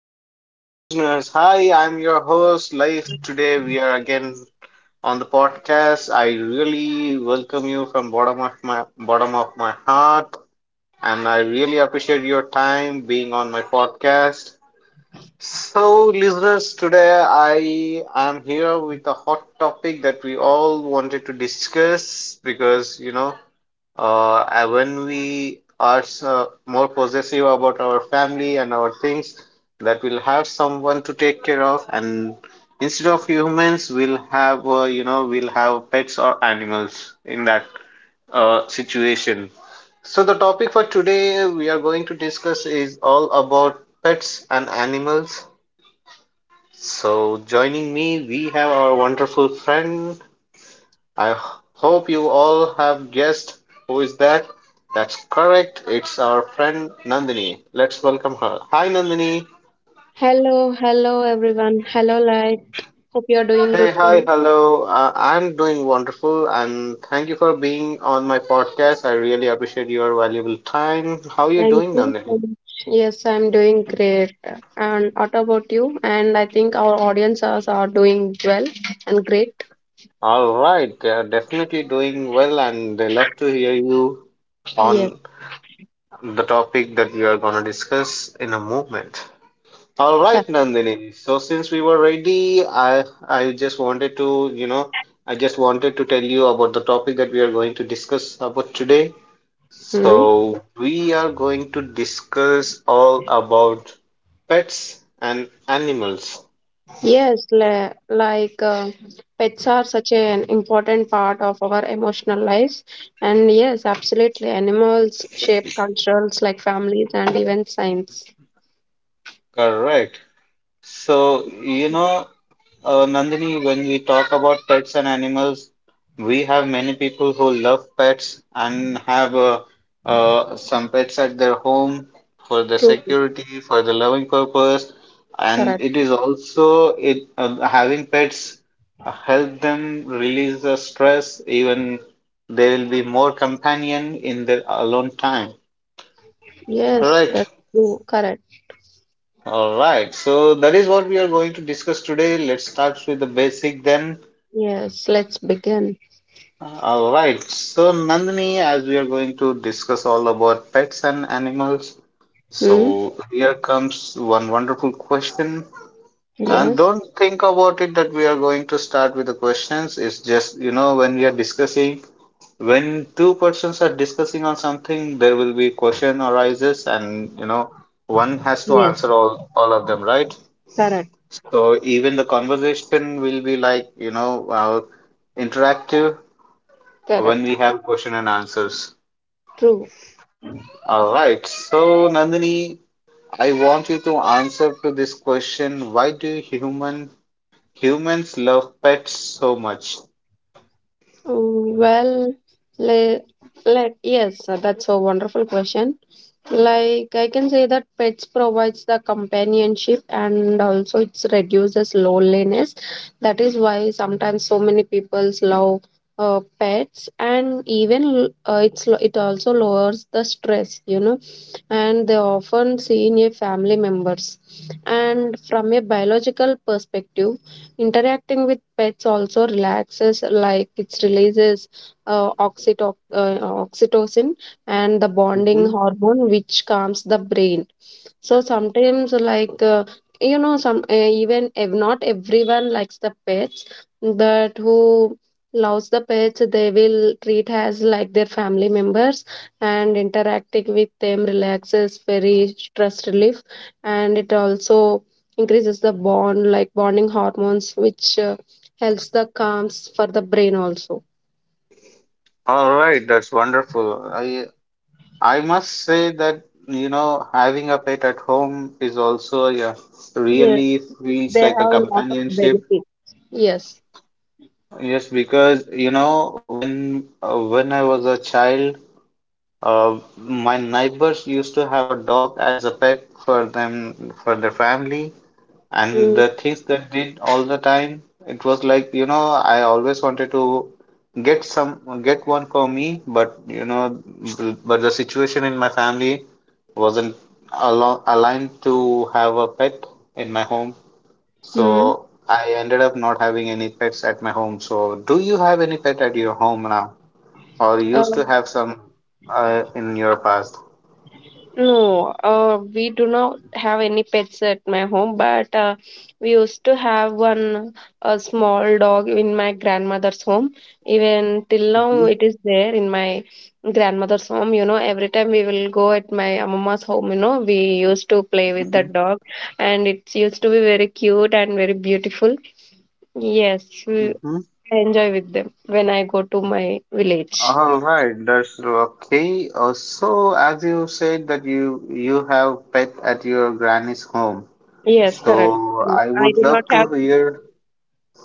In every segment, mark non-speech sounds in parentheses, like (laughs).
Hello, listeners. Hi, I'm your host, Life. Today we are again on the podcast. I really welcome you from bottom of my heart, and I really appreciate your time being on my podcast. So, listeners, today I am here with a hot topic that we all wanted to discuss because you know and when we are so more possessive about our family and our things, that we'll have someone to take care of, and instead of humans, we'll have we'll have pets or animals in that situation. So the topic for today we are going to discuss is all about pets and animals. So joining me, we have our wonderful friend. I h- hope you all have guessed who is that. That's correct. It's our friend Nandini. Let's welcome her. Hi, Nandini. Hello, hello everyone. Hello, hope you're doing Hey, good today. hi, hello. I'm doing wonderful, and thank you for being on my podcast. I really appreciate your valuable time. How are you Thank doing, you so Nandini? much. Yes, I'm doing great. And what about you? And I think our audience also are doing well and great. All right, they are definitely doing well, and they love to hear you Yes. on the topic that we are going to discuss in a moment. All Sir. right, Nandini. So since we were ready, I just wanted to, you know, I just wanted to tell you about the topic that we are going to discuss about today. Hmm. So we are going to discuss all about pets and animals. Yes, pets are such an important part of our emotional lives. And yes, absolutely, animals shape cultures like families and even science. Correct. So, you know, Nandini, when we talk about pets and animals, we have many people who love pets and have some pets at their home for the True, security, for the loving purpose, and correct. it is also it having pets help them release the stress. Even they will be more companion in their alone time. Yes, Correct. that's true, correct. All right. So that is what we are going to discuss today. Let's start with the basic then. Yes, let's begin. All right. So, Nandini, as we are going to discuss all about pets and animals, Hmm? so here comes one wonderful question. And Yes, don't think about it that we are going to start with the questions. It's just, you know, when we are discussing, when two persons are discussing on something, there will be question arises and, you know, one has to yes, answer all of them, right? correct, So even the conversation will be like, you know, interactive when correct, we have question and answers. true. All right. So, Nandini, I want you to answer to this question. Why do humans love pets so much? Well, le- that's a wonderful question. Like I can say that pets provides the companionship and also it reduces loneliness. That is why sometimes so many people love pets and even it also lowers the stress, you know, and they often seen a family members. And from a biological perspective, interacting with pets also relaxes, like it releases uh, oxyto- uh, oxytocin and the bonding Hmm hormone which calms the brain so sometimes you know some even if not everyone likes the pets but who loves the pets they will treat as like their family members and interacting with them relaxes very stress relief and it also increases the bond like bonding hormones which helps the calms for the brain also. All right, that's wonderful. I must say that you know having a pet at home is also yeah Yes, really feels they like a have a lot of companionship. benefit. Yes. Yes, because you know when I was a child, my neighbors used to have a dog as a pet for them for their family. And Mm. the things that did all the time, it was like, you know, I always wanted to get one for me, but you know, but the situation in my family wasn't al aligned to have a pet in my home. Hmm. So I ended up not having any pets at my home. So do you have any pet at your home now? Or Uh, used to have some in your past? no, we do not have any pets at my home, but we used to have one a small dog in my grandmother's home. Even till now, Mm-hmm. it is there in my grandmother's home. You know, every time we will go at my mama's home, you know, we used to play with the dog, and it used to be very cute and very beautiful. Yes, we Mm-hmm. I enjoy with them when I go to my village. All right, that's okay. So, as you said that you have pet at your granny's home, Yes, correct. so And I I would do not love have. to hear.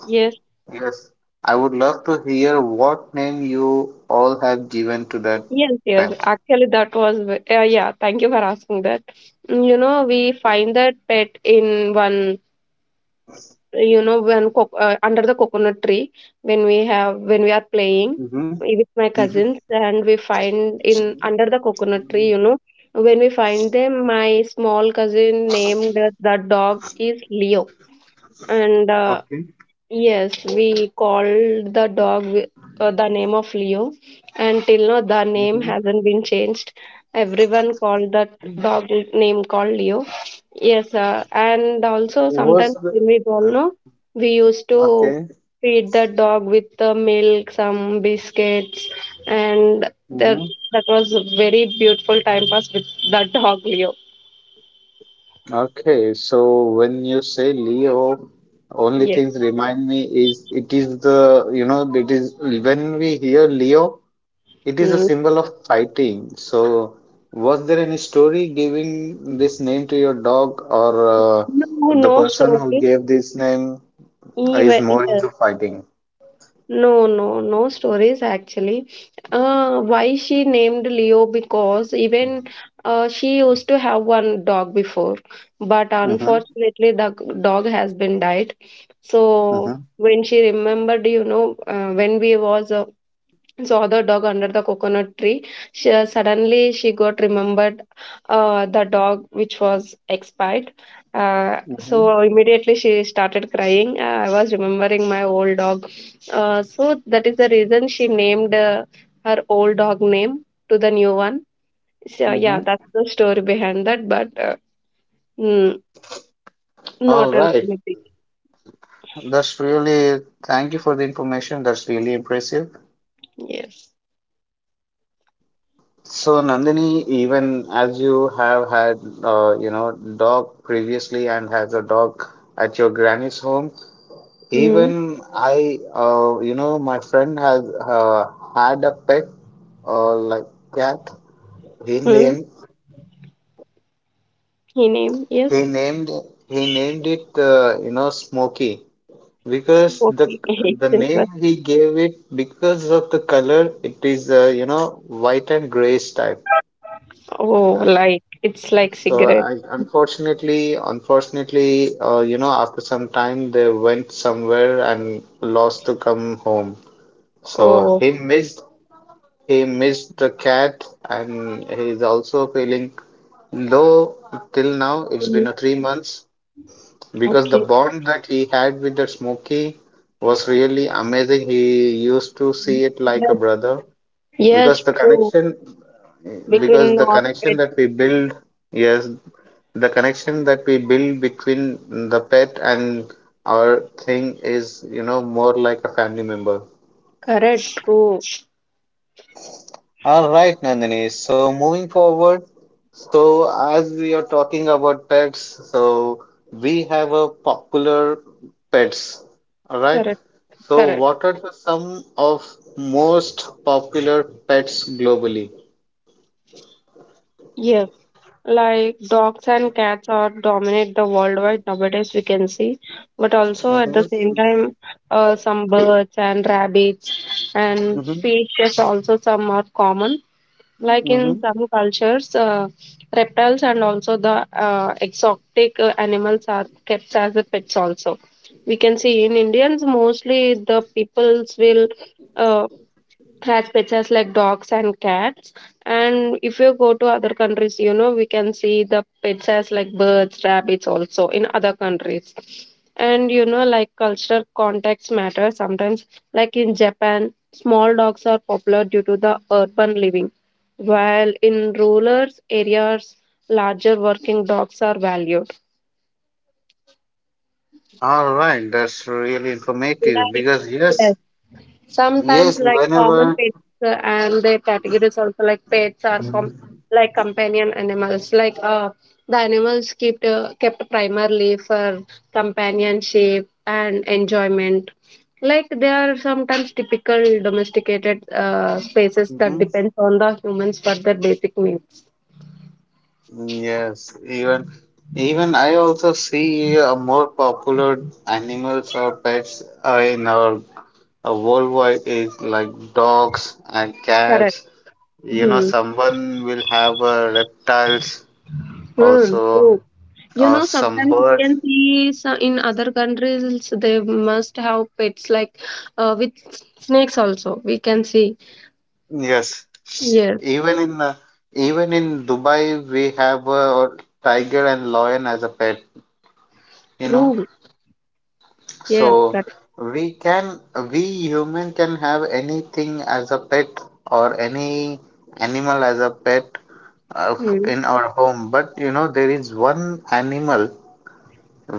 Yes. Yes, I would love to hear what name you all have given to that Yes, yes. pet. Actually, that was, yeah, thank you for asking that. You know, we find that pet in one, you know, when co under the coconut tree when we have when we are playing Mm-hmm. with my Mm-hmm. cousins, and we find in under the coconut tree, you know, when we find them, my small cousin named the dog is Leo, and Okay. yes, we called the dog with the name of Leo, and till now the name Mm-hmm. hasn't been changed. Everyone called the dog name called Leo. Yes, and also sometimes Was the when we go, no, we used to okay? feed the dog with the milk, some biscuits, and that Mm-hmm. that was a very beautiful time pass with the dog Leo. Okay, so when you say Leo, only Yes. things remind me is it is the, you know, it is when we hear Leo, it is a Mm. symbol of fighting. So was there any story giving this name to your dog or No, the no person who story. gave this name is Even, more yes. into fighting? No, no, no stories actually. Why she named Leo? Because even she used to have one dog before, but Mm-hmm. unfortunately, the dog has been died. So Mm-hmm. when she remembered, you know, when we was saw the dog under the coconut tree. She, suddenly, she got remembered the dog which was expired. Mm-hmm. So immediately she started crying. I was remembering my old dog. So that is the reason she named her old dog name to the new one. So yeah, Mm-hmm. that's the story behind that. Mm, not All else right. anything. That's really, thank you for the information. That's really impressive. Yes. So, Nandini, even as you have had, you know, dog previously and has a dog at your granny's home, Hmm. even I, you know, my friend has had a pet, like cat. He Hmm. named He named yes. he named he named it, you know, Smokey because Smoking. (laughs) It's the name interesting. he gave it because of the color, it is, you know, white and grayish type. Oh, like it's like So cigarette. I, unfortunately, you know, after some time they went somewhere and lost to come home. So Oh, he missed the cat and he's also feeling low till now. It's mm, been a 3 months because the okay. bond that he had with the Smokey was really amazing. He used to see it like a Yes, brother yes, because the true. connection because Between the connection orbit. that we build, yes, the connection that we build between the pet and our thing is, you know, more like a family member. Correct, true. All right, Nandini, so moving forward. So as we are talking about pets, so we have a popular pets. All right, Correct, so correct. what are the some of most popular pets globally? Yes. Like dogs and cats are dominate the worldwide nowadays we can see. But also at the same Mm-hmm. time, some birds and rabbits and fishes also some are common. Like in Mm-hmm. some cultures, reptiles and also the exotic animals are kept as a pets also. We can see in Indians mostly the peoples will uh, has pets as like dogs and cats, and if you go to other countries you know we can see the pets as like birds rabbits also in other countries. And you know like cultural context matters sometimes, like in Japan small dogs are popular due to the urban living, while in rural areas larger working dogs are valued. All right, that's really informative Like because yes, yes. Sometimes yes, like common whenever, pets and their categories also, like pets are like companion animals. Like the animals kept primarily for companionship and enjoyment. Like they are sometimes typical domesticated spaces that hmm. depends on the humans for their basic needs. Yes, even I also see more popular animals or pets in our worldwide is like dogs and Correct. cats. You know, Mm-hmm. someone will have reptiles Hmm. also, Hmm. You or know, some sometimes you birds. can see so in other countries they must have pets like with snakes also. We can see. Yes, Yes, even in uh, even in Dubai we have a tiger and lion as a pet. You know, true. so Yes, that. we can, we human can have anything as a pet or any animal as a pet Hmm. in our home, but you know there is one animal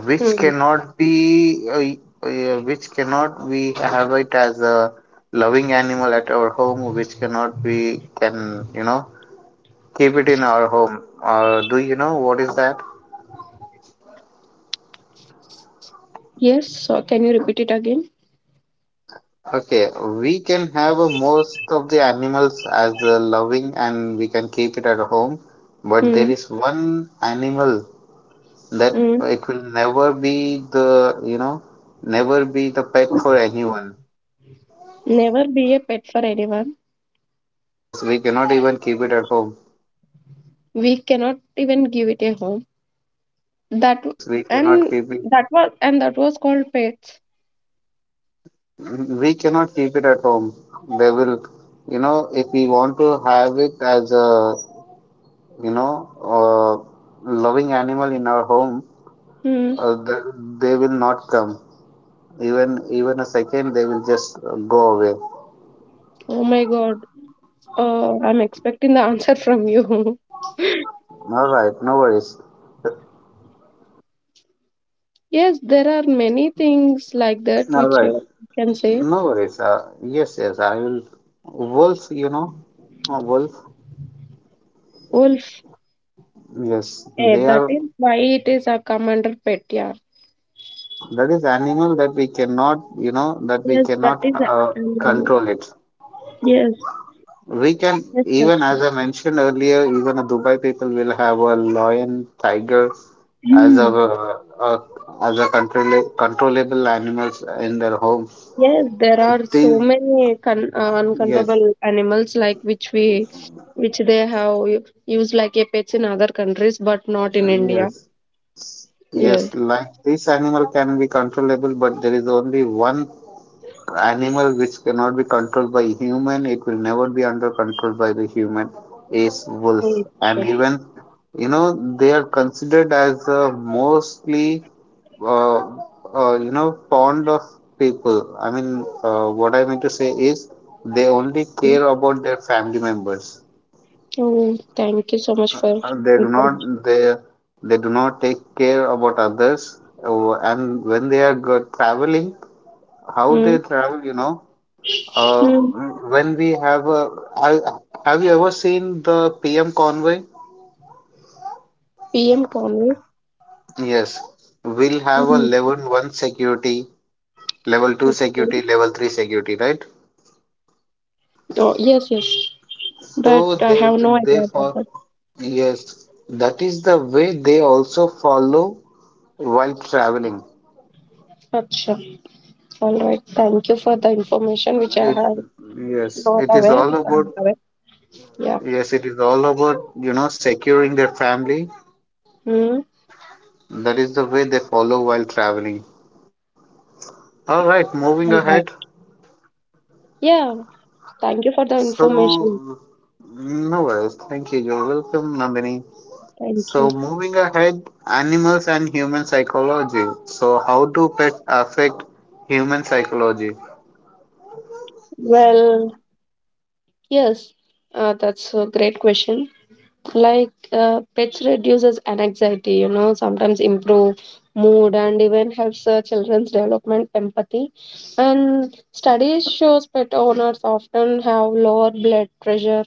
which Hmm. cannot be yeah, which cannot we have it as a loving animal at our home, which cannot we can, you know, keep it in our home. Do you know what is that? Yes. So can you repeat it again? Okay, we can have most of the animals as loving and we can keep it at home, but there Hmm. is one animal that Hmm. it will never be the, you know, never be the pet for anyone. Never be a pet for anyone. Yes, we cannot even keep it at home. We cannot even give it a home. That Yes, we cannot and keep it. That was called pets. We cannot keep it at home. They will, you know, if we want to have it as a, you know, loving animal in our home, Hmm. uh, the, they will not come. Even a second, they will just go away. Oh my God. I'm expecting the (laughs) answer from you. (laughs) All right, no worries. Yes, there are many things like that All which right, you can say no worries. Yes, yes, I will. Wolf, you know, wolf. wolf. Yes, Eh, they that are. is why it is a commander pet. Yeah. That is animal that we cannot, you know, that we Yes, that cannot is. Um, control it. yes, We can yes, that's even, true. as I mentioned earlier, even a Dubai people will have a lion, tiger as a, Hmm. uh, uh, as a controllable animals in their home. Yes, there It are is, so many yes. uncontrollable animals like which we, which they have used like a pets in other countries, but not in India. Yes, yes, Yes. like this animal can be controllable, but there is only one animal which cannot be controlled by human. It will never be under control by the human, is wolf. Mm, And sure. even, you know, they are considered as mostly, uh, you know, fond of people. I mean, what I mean to say is they only care about their family members. Oh, thank you so much for Uh, they do not information. they they do not take care about others and when they are traveling, how Mm. they travel, you know. uh, Mm. when we have a I- have you ever seen the PM convoy? PM Conway. Yes, we'll have a level one security, level two security, Okay. level three security, right? Oh, yes, yes. But I have So no idea about they that. for yes, that is the way they also follow while traveling. Acha. All right. Thank you for the information which I It have yes, not it is aware. all Which I'm about, not aware. Yeah. yes, it is all about, you know, securing their family. Hmm. That is the way they follow while traveling. All right, moving All ahead. right. Yeah. Thank you for the information. So, no worries. Thank you. You're welcome, Nandini. Thank you. So, moving ahead, animals and human psychology. So, how do pets affect human psychology? Well, yes. That's a great question. Like pets reduces anxiety you know sometimes improve mood and even helps children's development empathy, and studies shows pet owners often have lower blood pressure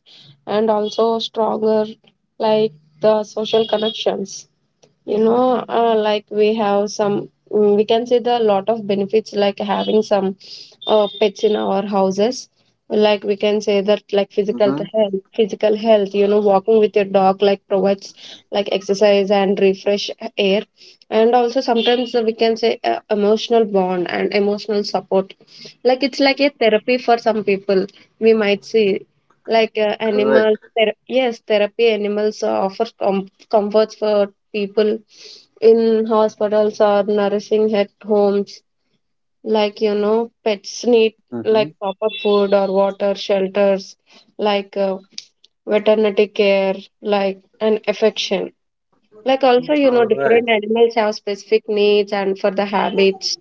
and also stronger like the social connections. You know like we have some mm, we can see the lot of benefits like having some pets in our houses. Like we can say that like Mm-hmm. health physical health, you know, walking with your dog like provides like exercise and refresh air. And also sometimes we can say emotional bond and emotional support, like it's like a therapy for some people we might see. Correct. Yes, therapy animals offer comforts for people in hospitals or nourishing at homes. Like you know pets need Mm-hmm. like proper food or water shelters, like veterinary care, like and affection. Like also you know All right. different animals have specific needs and for the habits.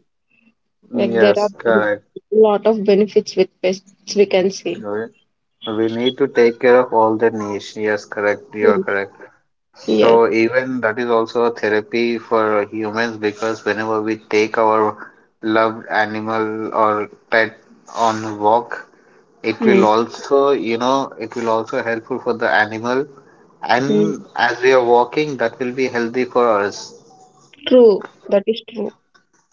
Like there are Yes, a correct. lot of benefits with pests we can see. Correct. We need to take care of all the niche. Yes, correct. You are Hmm. correct. Yes. So even that is also a therapy for humans because whenever we take our loved animal or pet on walk, it will Hmm. also, you know, it will also helpful for the animal, and Hmm. as we are walking, that will be healthy for us. True, that is true.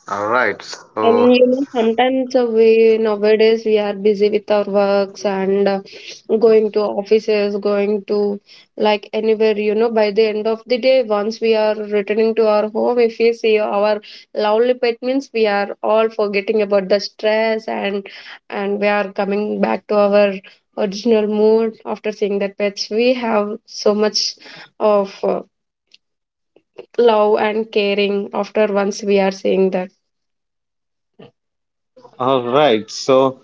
All right. And So, you know, sometimes we nowadays we are busy with our works and going to offices, going to like anywhere, you know, by the end of the day, once we are returning to our home, if we see our lovely pet means we are all forgetting about the stress and we are coming back to our original mood after seeing that pets. We have so much of love and caring after once we are seeing that. all right. So,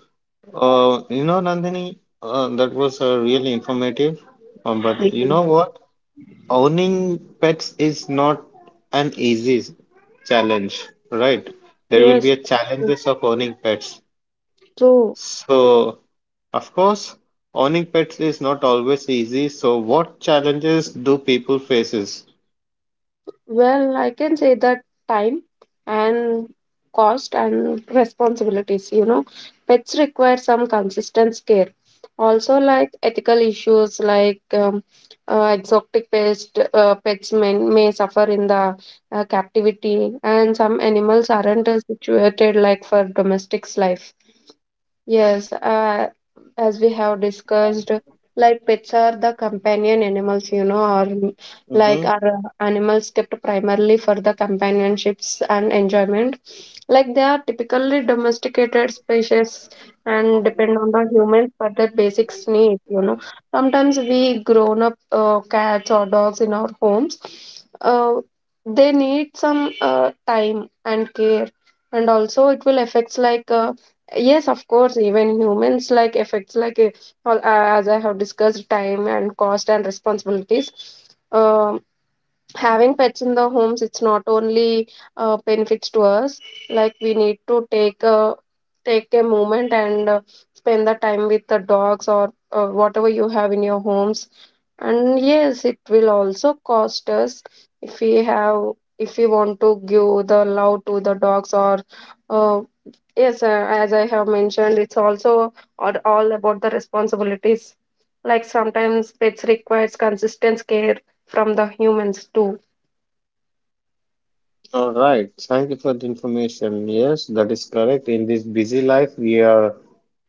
you know, Nandini, that was really informative. But you Mhm. know what? Owning pets is not an easy challenge, right? There will be Yes. a challenges of owning pets. True. So, of course, owning pets is not always easy. So, what challenges do people faces? Well, I can say that time and cost and responsibilities, you know, pets require some consistent care. Also, like ethical issues like exotic pets may suffer in the captivity, and some animals aren't as situated like for domestic's life. Yes, as we have discussed, like pets are the companion animals, you know, or mm, like Mm-hmm. are animals kept primarily for the companionships and enjoyment. Like they are typically domesticated species and depend on the humans for their basic needs, you know. Sometimes we grown up cats or dogs in our homes. Uh, they need some time and care, and also it will affects yes, of course, even humans like effects as I have discussed, time and cost and responsibilities. Um, Having pets in the homes, it's not only benefits to us. Like we need to take a moment and spend the time with the dogs or whatever you have in your homes. And yes, it will also cost us if we have if we want to give the love to the dogs or uh, yes, sir. As I have mentioned, it's also all about the responsibilities. Like sometimes pets requires consistent care from the humans too. All right. Thank you for the information. Yes, that is correct. In this busy life,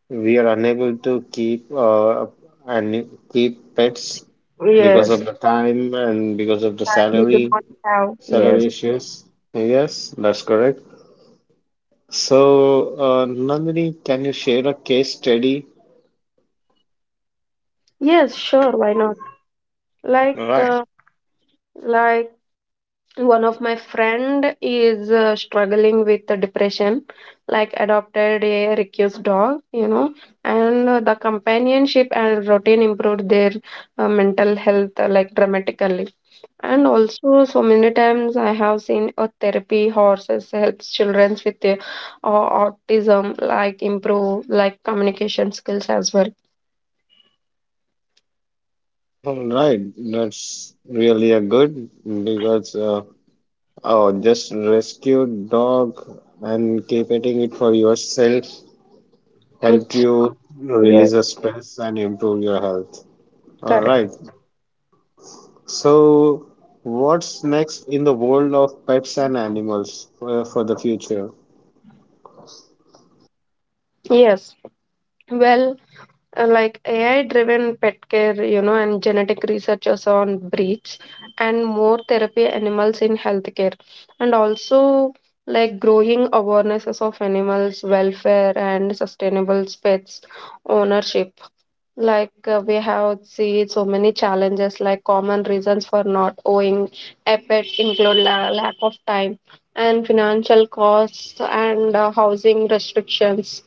we are unable to keep and keep pets because Yes, of the time and because of the we do salary. not have. Yes, Saleracious. Yes, that's correct. So, Nandini, can you share a case study? yes, sure. Why not? Like, Right. uh, like one of my friend is struggling with the depression. Like adopted a recluse dog, you know, and the companionship and routine improved their mental health like dramatically. And also, so many times I have seen a therapy horses helps children with their uh, autism like improve like communication skills as well. All right, that's really a good because oh, just rescue dog and keep eating it for yourself helped It's you yes, release the stress and improve your health. All correct. right, so what's next in the world of pets and animals for the future? Yes. Well, like AI driven pet care, you know, and genetic researchers on breeds and more therapy animals in healthcare, and also like growing awarenesses of animals welfare and sustainable pets ownership. We have seen so many challenges, like common reasons for not owning a pet include lack of time and financial costs and housing restrictions.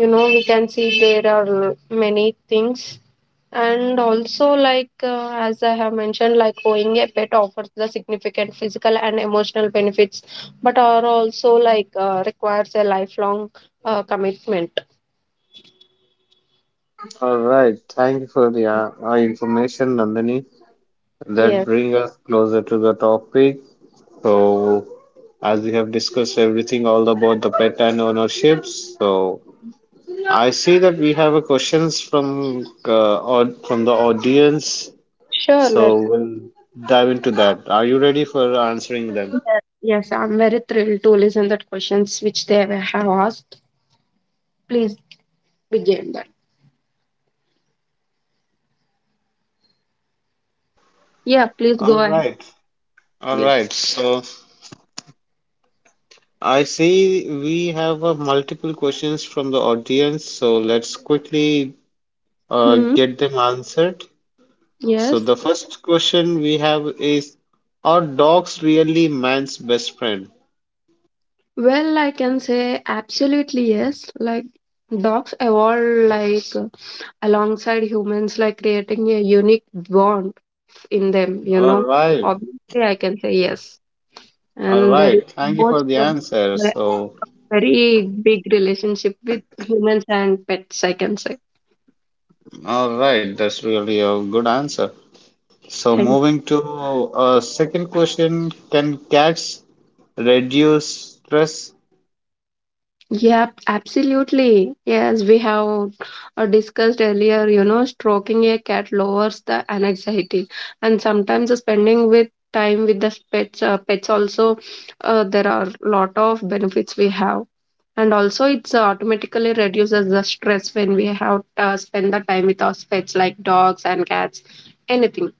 You know, we can see there are many things, and also as I have mentioned, like owning a pet offers the significant physical and emotional benefits, but are also requires a lifelong commitment. All right, thank you for the information, Nandini. That Yeah, brings us closer to the topic. So, as we have discussed everything all about the pet and ownerships, so I see that we have a questions from from the audience. sure, So let. we'll dive into that. Are you ready for answering them? Yeah. Yes, I'm very thrilled to listen that questions which they have asked. Please begin that. Yeah, please All go ahead. right, all Yes. right. So I see we have multiple questions from the audience. So let's quickly Hmm. get them answered. So Yes. the first question we have is, are dogs really man's best friend? Well, I can say absolutely yes. Like dogs evolve like alongside humans, like creating a unique bond in them, you know. Alright, Obviously, I can say yes. And there is alright. Thank you most for the of answer. a So, very big relationship with humans and pets, I can say. alright, that's really a good answer. So, Thank. moving to a second question, can cats reduce stress? Yep, absolutely. Yes, we have discussed earlier, you know, stroking a cat lowers the anxiety. And sometimes the spending with time with the pets, pets also, there are lot of benefits we have. And also it's automatically reduces the stress when we have spend the time with our pets like dogs and cats, anything.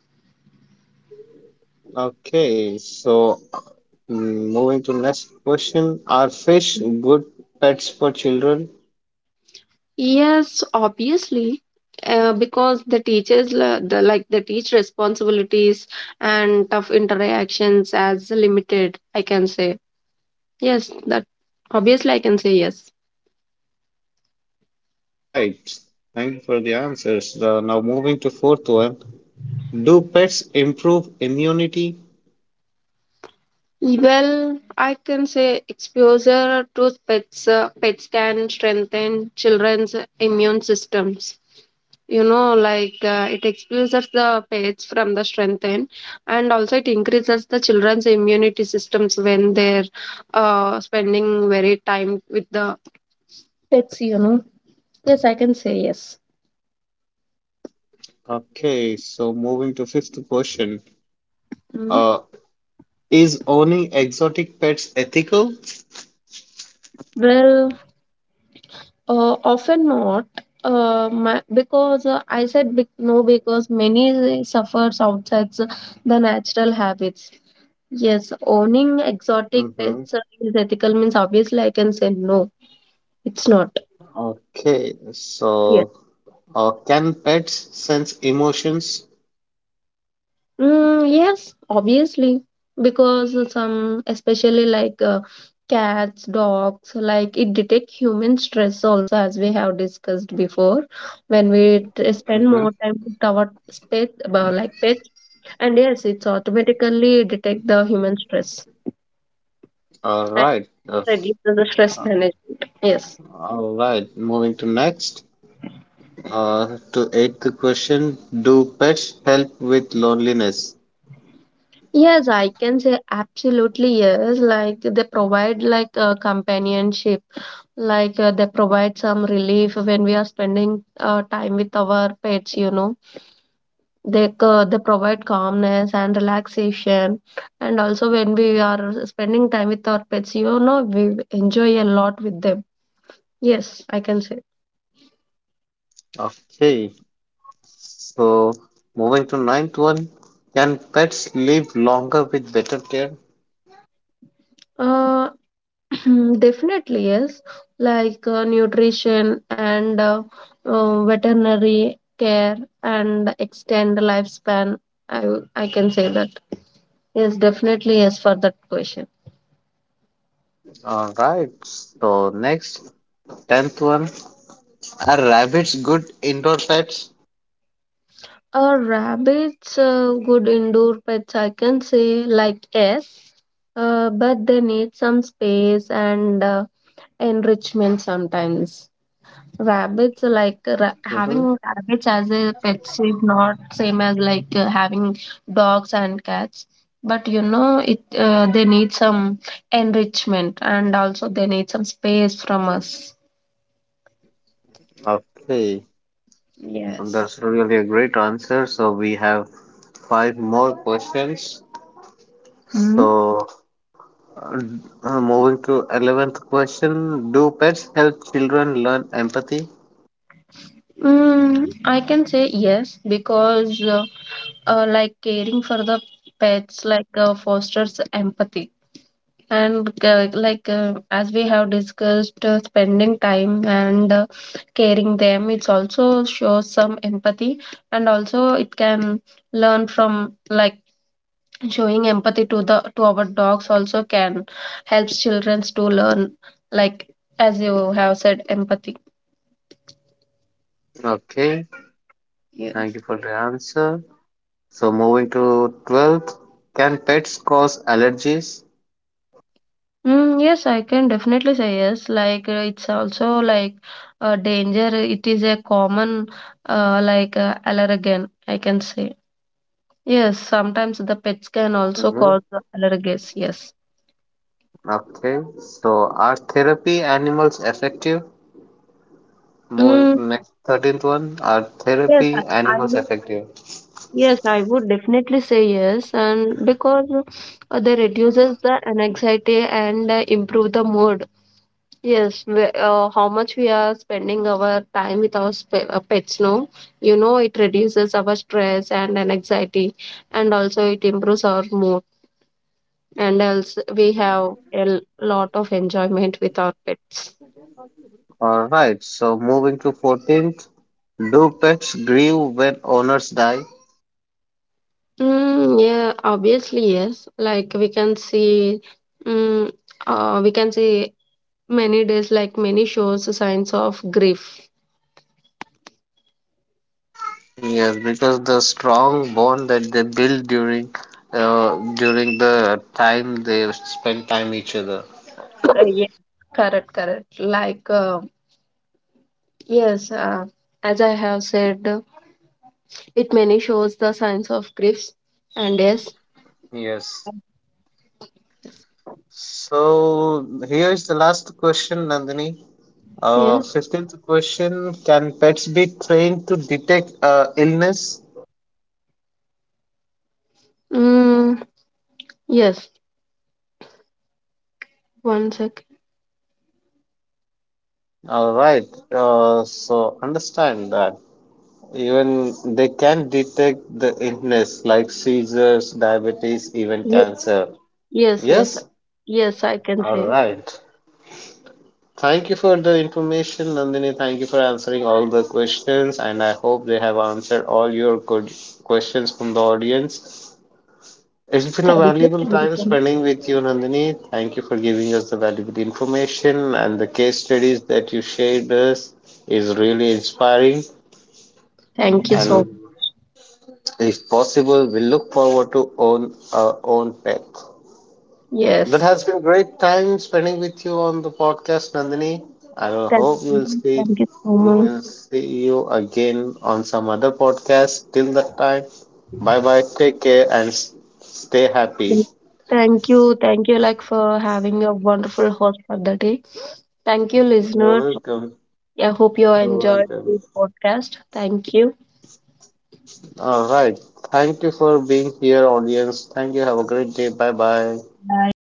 Okay, so mm, moving to next question, are fish good pets for children? Yes, obviously, because the teachers the like the teach responsibilities and tough interactions as limited, I can say. Yes, that obviously I can say yes. Alright, thank you for the answers. The, now, moving to fourth one. Do pets improve immunity? Well, I can say exposure to pets, pets can strengthen children's immune systems. You know, it exposes the pets from the strengthen, and also it increases the children's immunity systems when they're spending very time with the pets, you know. Yes, I can say yes. Okay, so the question Mhm. uh, is owning exo? Well, often not, my, because I said no, because many suffers outside the natural habits. Yes, owning exotic Hmm. pets is ethical means obviously I can say no, it's not. Okay, Yes. so can pets sense emotions? Mm, yes, obviously, because some, especially cats, dogs, like it detect human stress also, as we have discussed before. When we spend Mm-hmm. more time with our pet, like pets, and yes, it's automatically detect the human stress All and right. Reduces the stress management. Yes. All right. Moving to next. To eighth question, do pets help with loneliness? Yes, I can say absolutely yes. Like they provide companionship. They provide some relief when we are spending time with our pets, you know. They provide calmness and relaxation, and also when we are spending time with our pets, you know, we enjoy a lot with them. Yes, I can say. Okay, so moving to ninth one, can pets live longer with better care? Uh, (clears throat) definitely yes. Like nutrition and veterinary care and extend lifespan. I can say that. Yes, definitely yes for that question. All right. So next. Tenth one, are rabbits good indoor pets? Rabbits, good indoor pets, I can say, like yes, but they need some space and enrichment sometimes. Rabbits, like Hmm? having rabbits as a pets is not same as having dogs and cats. But you know, it they need some enrichment, and also they need some space from us. Okay, Yes. that's really a great answer. So we have five more questions. Mm. So uh, moving to 11th question, do pets help children learn empathy? Mm, I can say yes because. Like caring for the pets fosters empathy, and as we have discussed, spending time and caring them, it's also shows some empathy, and also it can learn from like showing empathy to the to our dogs also can helps children to learn, like, as you have said, empathy. Okay, Yeah. thank you for the answer. So moving to 12th, can pets cause allergies? Mm, yes, I can definitely say yes. Like it's also like a danger. It is a common allergen, I can say. Yes, sometimes the pets can also Mm-hmm. cause the allergies. Yes. Okay, so are therapy animals effective? Mm, Moving next 13th one, are yes, therapy animals effective? yes, I would definitely say yes, and because they reduces the anxiety and improve the mood. Yes, we, how much we are spending our time with our pets, no? You know, it reduces our stress and anxiety, and also it improves our mood. And else, we have a lot of enjoyment with our pets. All right, so moving to 14th, do pets grieve when owners die? Mm, yeah, obviously, yes. Like we can see, mm, we can see many days, like many shows, signs of grief. Yes, because the strong bond that they build during during the time they spend time each other. Yeah, correct, correct. Like, yes, as I have said. It mainly shows the signs of griefs, and yes, Yes. So here is the last question, Nandini. yeah, 15th question, can pets be trained to detect illness? mm, yes. One sec. All right. So understand that even they can detect the illness like seizures, diabetes, even Ye- cancer. Yes, yes, Yes? yes. I can All say right. Thank you for the information, Nandini. Thank you for answering all the questions, and I hope they have answered all your good questions from the audience. It's been a valuable thank you, time so much. spending with you, Nandini. Thank you for giving us the valuable information and the case studies that you shared us is really inspiring. Thank you And so. if possible, we look forward to own our own pet. That Yes, has been great time spending with you on the podcast, Nandini. I will hope you will see thank you so much. we'll see you again on some other podcast. Till that time, bye bye. Take care and stay happy. Thank you, like for having a wonderful host for the day. Thank you, You're listeners. welcome. I hope you You're enjoyed welcome. this podcast. Thank you. All right. Thank you for being here, audience. Thank you. Have a great day. Bye bye. Bye.